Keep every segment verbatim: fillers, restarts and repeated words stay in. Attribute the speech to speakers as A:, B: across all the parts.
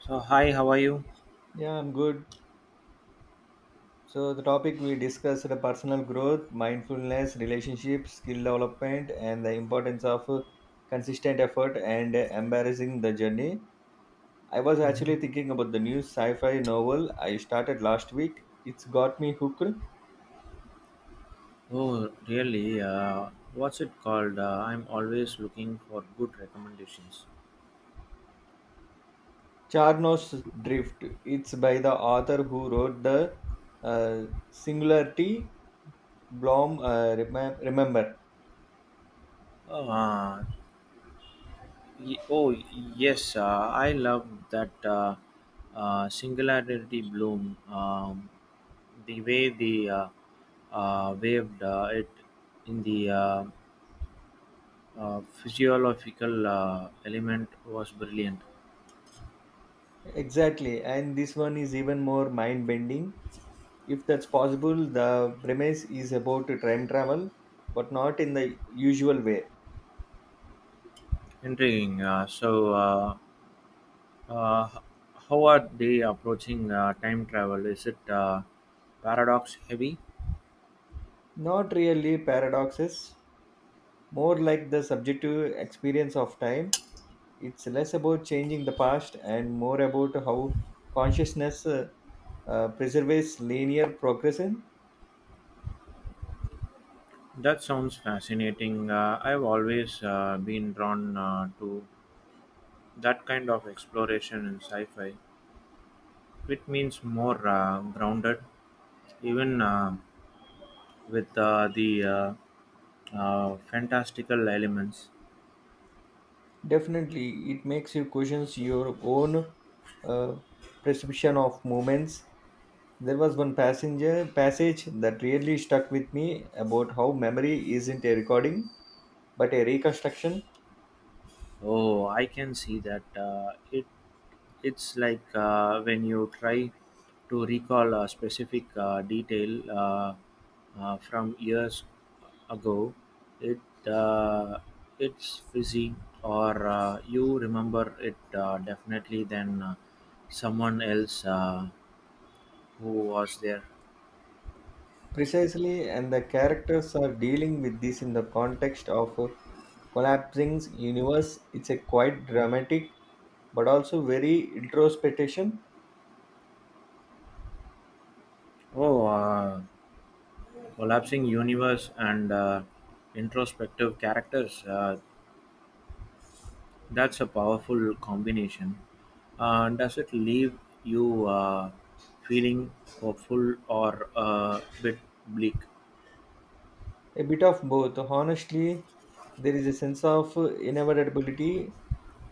A: So hi, how are you?
B: Yeah, I'm good. So the topic we discussed the personal growth, mindfulness, relationships, skill development, and the importance of uh, consistent effort and uh, embarrassing the journey. I was actually thinking about the new sci-fi novel I started last week. It's got me hooked.
A: Oh, really? Uh, what's it called? Uh, I'm always looking for good recommendations.
B: Charnos Drift. It's by the author who wrote the uh, Singularity Blom. Uh, remem- remember
A: Oh, Uh, y- oh yes, uh, I love that uh, uh, singularity bloom. Um, the way the uh, uh, waved uh, it in the uh, uh, physiological uh, element was brilliant,
B: exactly, and this one is even more mind-bending if that's possible. The premise is about time travel, but not in the usual way.
A: intriguing. Uh, so. Uh, Uh, how are they approaching uh, time travel? Is it uh, paradox heavy?
B: Not really paradoxes, more like the subjective experience of time. It's less about changing the past and more about how consciousness uh, uh, preserves linear progression.
A: That sounds fascinating. Uh, I've always uh, been drawn uh, to that kind of exploration in sci fi. It means more uh, grounded, even uh, with uh, the uh, uh, fantastical elements.
B: Definitely, it makes you question your own uh, perception of moments. There was one passenger passage that really stuck with me about how memory isn't a recording but a reconstruction.
A: Oh, I can see that. Uh, it It's like uh, when you try to recall a specific uh, detail uh, uh, from years ago, it uh, it's fizzy, or uh, you remember it uh, definitely than uh, someone else uh, who was there.
B: Precisely, and the characters are dealing with this in the context of a collapsing universe. It's a quite dramatic but also very introspection,
A: Oh, uh, collapsing universe and uh, introspective characters. Uh, That's a powerful combination. Uh, does it leave you uh, feeling hopeful or a bit bleak?
B: a bit of both. Honestly, there is a sense of inevitability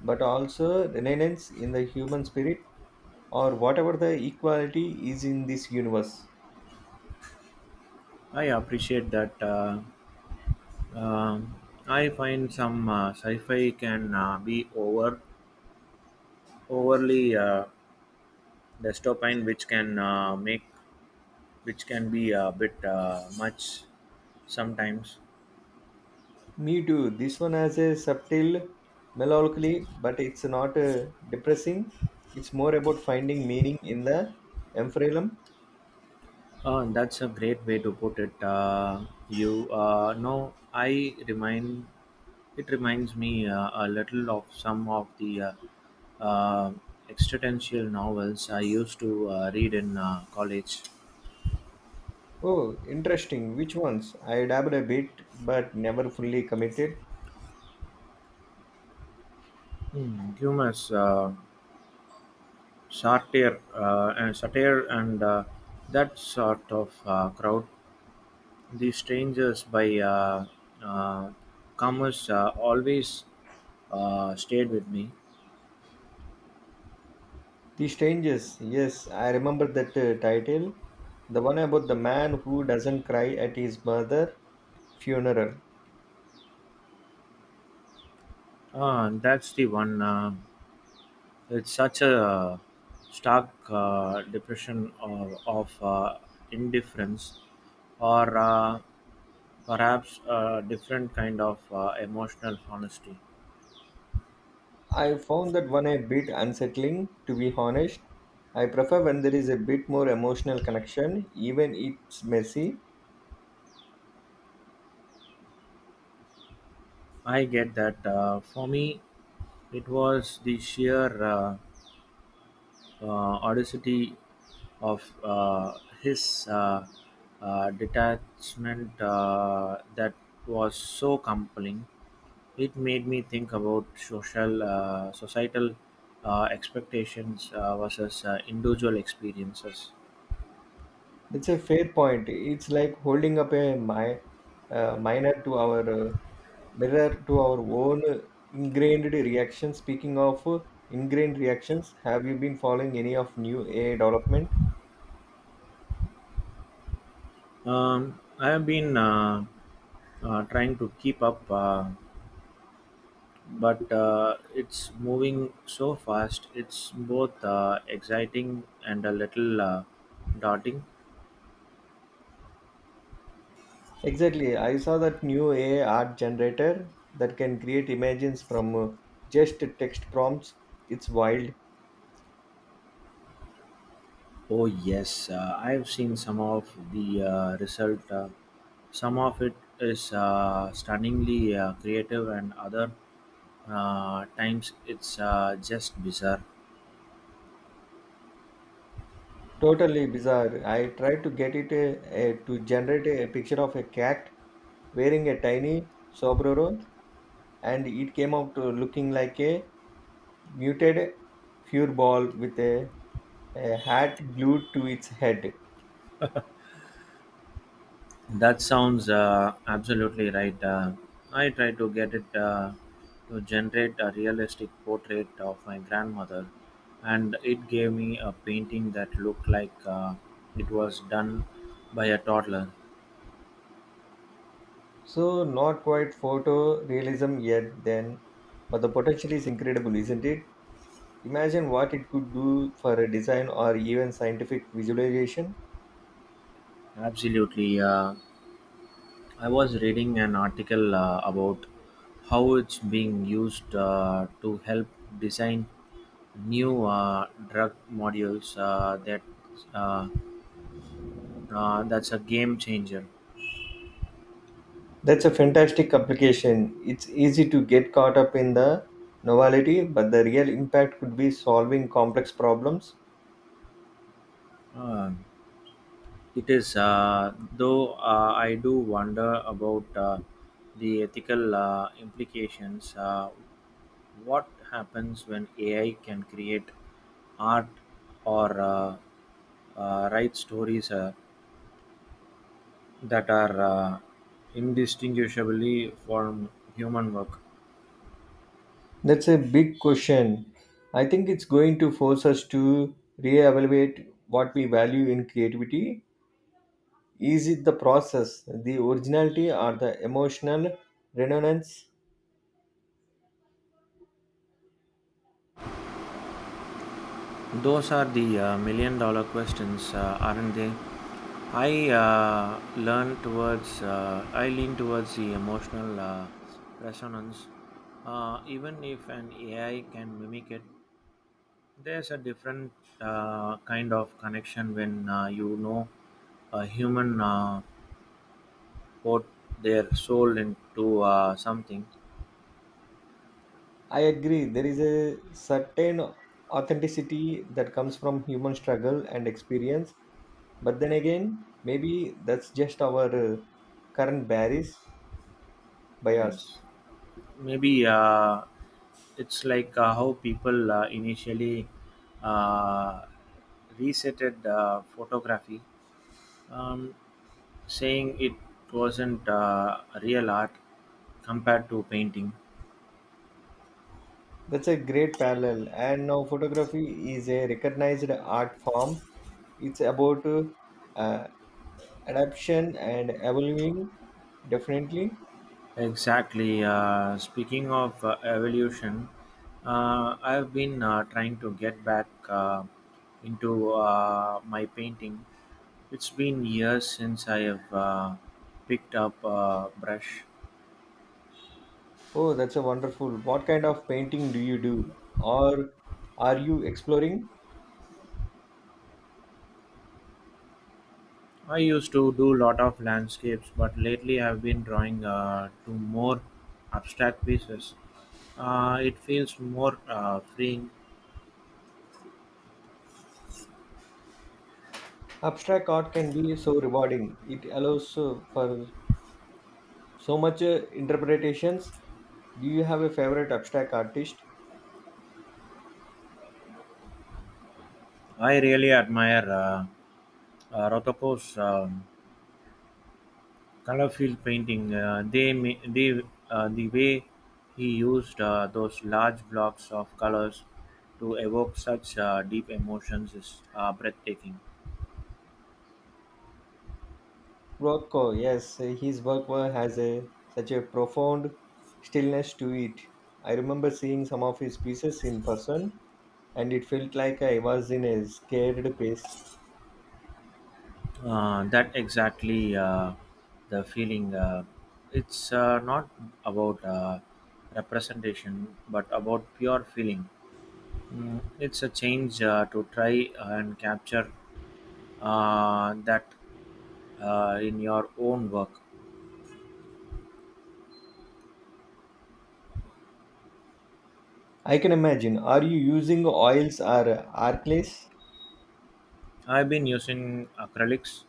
B: but also renaissance in the human spirit or whatever the equality is in this universe.
A: I appreciate that. Uh, um, I find some uh, sci-fi can uh, be over overly uh, dystopian, which can uh, make which can be a bit uh, much sometimes.
B: Me too. This one has a subtle melancholy, but it's not uh, depressing. It's more about finding meaning in the emphyreum.
A: Uh, that's a great way to put it. Uh, you uh, know, I remind It reminds me uh, a little of some of the uh, uh, existential novels I used to uh, read in uh, college.
B: Oh, interesting. Which ones? I dabbled a bit, but never fully committed.
A: Hmm. Humorous, uh, satire, uh, and satire, and uh, that sort of uh, crowd. The strangers by uh, uh, commerce uh, always uh, stayed with me.
B: The Strangers. Yes, I remember that uh, title. The one about the man who doesn't cry at his mother funeral.
A: Uh, that's the one. Uh, it's such a stark uh, depression of, of uh, indifference, or uh, perhaps a different kind of uh, emotional honesty.
B: I found that one a bit unsettling, to be honest. I prefer when there is a bit more emotional connection, even it's messy.
A: I get that. Uh, for me, it was the sheer uh, uh, audacity of uh, his uh, uh, detachment uh, that was so compelling. It made me think about social uh, societal uh, expectations uh, versus uh, individual experiences.
B: That's a fair point. It's like holding up a mi- uh, minor to our uh, mirror to our own uh, ingrained reaction. Speaking of uh, ingrained reactions, have you been following any of new A I development?
A: Um, I have been uh, uh, trying to keep up, uh, but uh, it's moving so fast. It's both uh, exciting and a little uh, daunting.
B: Exactly. I saw that new A I art generator that can create images from uh, just text prompts. It's wild.
A: Oh yes, uh, I have seen some of the uh, result. Uh, some of it is uh, stunningly uh, creative, and other uh, times it's uh, just bizarre.
B: Totally bizarre. I tried to get it a, a- to generate a, picture of a cat wearing a tiny sombrero, and it came out to looking like a muted furball with a, a hat glued to its head.
A: That sounds uh, absolutely right. Uh, I try to get it uh, to generate a realistic portrait of my grandmother, and it gave me a painting that looked like uh, it was done by a toddler.
B: So not quite photo realism yet then, but the potential is incredible, isn't it? Imagine what it could do for a design or even scientific visualization.
A: Absolutely. Uh, I was reading an article uh, about how it's being used uh, to help design new uh, drug modules uh, that uh, Uh, that's a game changer.
B: That's a fantastic application. It's easy to get caught up in the novelty, but the real impact could be solving complex problems.
A: Uh, it is, uh, though uh, I do wonder about uh, the ethical uh, implications. Uh, what happens when A I can create art or uh, uh, write stories uh, that are uh, indistinguishably from human work?
B: That's a big question. I think it's going to force us to reevaluate what we value in creativity. Is it the process, the originality, or the emotional resonance?
A: Those are the uh, million dollar questions, uh, aren't they? I uh, learn towards, uh, I lean towards the emotional uh, resonance. Uh, even if an A I can mimic it, there's a different uh, kind of connection when uh, you know a human uh, put their soul into uh, something.
B: I agree. There is a certain authenticity that comes from human struggle and experience. But then again, maybe that's just our uh, current bias.
A: Ah, yes.
B: Bias.
A: Maybe uh, it's like uh, how people uh, initially uh, resetted uh, photography, um, saying it wasn't uh, real art compared to painting.
B: That's a great parallel. And now photography is a recognized art form. It's about uh, uh, adaptation and evolving. Definitely.
A: Exactly. Uh, speaking of uh, evolution, uh, I've been uh, trying to get back uh, into uh, my painting. It's been years since I have uh, picked up a brush.
B: Oh, that's a wonderful. What kind of painting do you do, or are you exploring?
A: I used to do lot of landscapes, but lately I've been drawing uh, to more abstract pieces. Uh, it feels more uh, freeing.
B: Abstract art can be so rewarding. It allows uh, for so much uh, interpretations. Do you have a favorite abstract artist?
A: I really admire uh, uh, Rotoko's um, color field painting. Uh, they, ma- they uh, The way he used uh, those large blocks of colors to evoke such uh, deep emotions is uh, breathtaking.
B: Rothko, yes, his work wa- has a such a profound stillness to it. I remember seeing some of his pieces in person, and it felt like I was in a scared place.
A: Uh, that exactly uh, the feeling. Uh, it's uh, not about uh, representation, but about pure feeling. Mm, it's a change uh, to try and capture uh, that uh, in your own work.
B: I can imagine. Are you using oils or arclays?
A: I've been using acrylics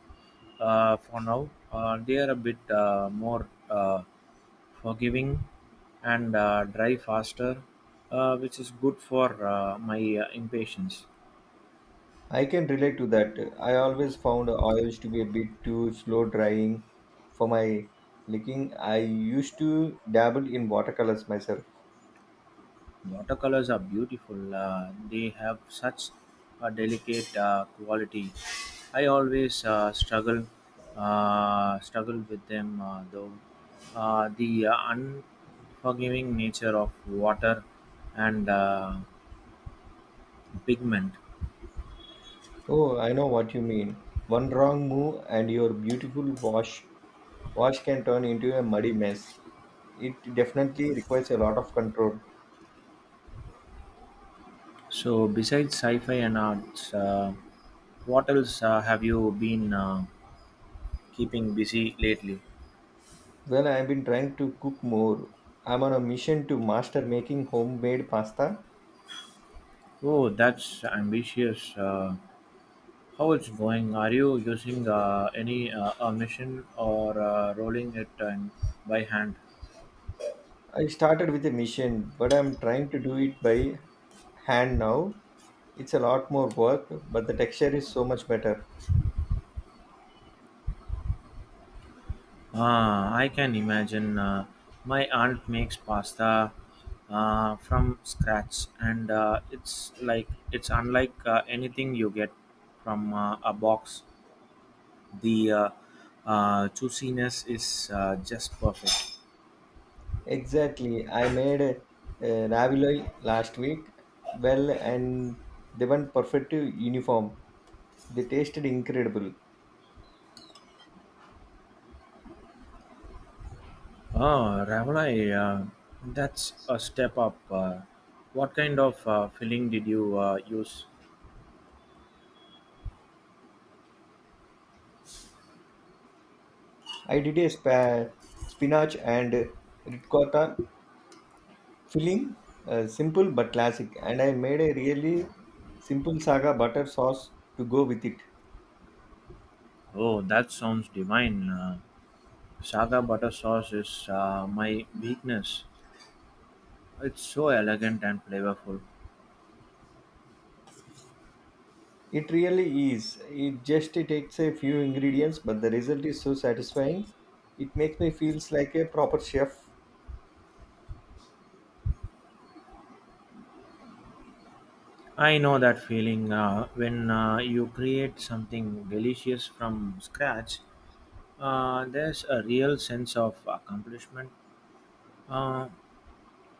A: uh, for now. Uh, they are a bit uh, more uh, forgiving and uh, dry faster, uh, which is good for uh, my uh, impatience.
B: I can relate to that. I always found oils to be a bit too slow drying for my licking. I used to dabble in watercolors myself.
A: Watercolors are beautiful. Uh, they have such a delicate uh, quality. I always uh, struggle uh, struggle with them uh, though. Uh, the uh, unforgiving nature of water and uh, pigment.
B: Oh, I know what you mean. One wrong move and your beautiful wash wash can turn into a muddy mess. It definitely requires a lot of control.
A: So, besides sci-fi and arts, uh, what else uh, have you been uh, keeping busy lately?
B: Well, I've been trying to cook more. I'm on a mission to master making homemade pasta.
A: Oh, that's ambitious. Uh, how it's going? Are you using uh, any uh, a machine or uh, rolling it um, by hand?
B: I started with a mission, but I'm trying to do it by hand now. It's a lot more work, but the texture is so much better.
A: Ah, I can imagine. Uh, my aunt makes pasta uh, from scratch, and uh, it's like it's unlike uh, anything you get from uh, a box. The uh, uh, juiciness is uh, just perfect.
B: Exactly. I made a, ravioli last week. Well, and they went perfect uniform. They tasted incredible.
A: Oh, ravioli, uh, that's a step up. Uh, what kind of uh, filling did you uh, use?
B: I did a spa, spinach and ricotta filling, uh, simple but classic. And I made a really simple saga butter sauce to go with it.
A: Oh, that sounds divine. Uh, saga butter sauce is uh, my weakness. It's so elegant and flavorful.
B: It really is. It just takes a few ingredients, but the result is so satisfying. It makes me feels like a proper chef.
A: I know that feeling uh, when uh, you create something delicious from scratch, uh, there's a real sense of accomplishment. Uh,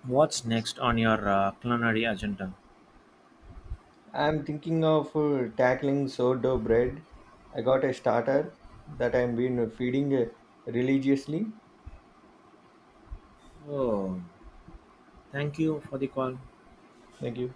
A: What's next on your uh, culinary agenda?
B: I'm thinking of uh, tackling sourdough bread. I got a starter that I've been feeding uh, religiously.
A: Oh, thank you for the call.
B: Thank you.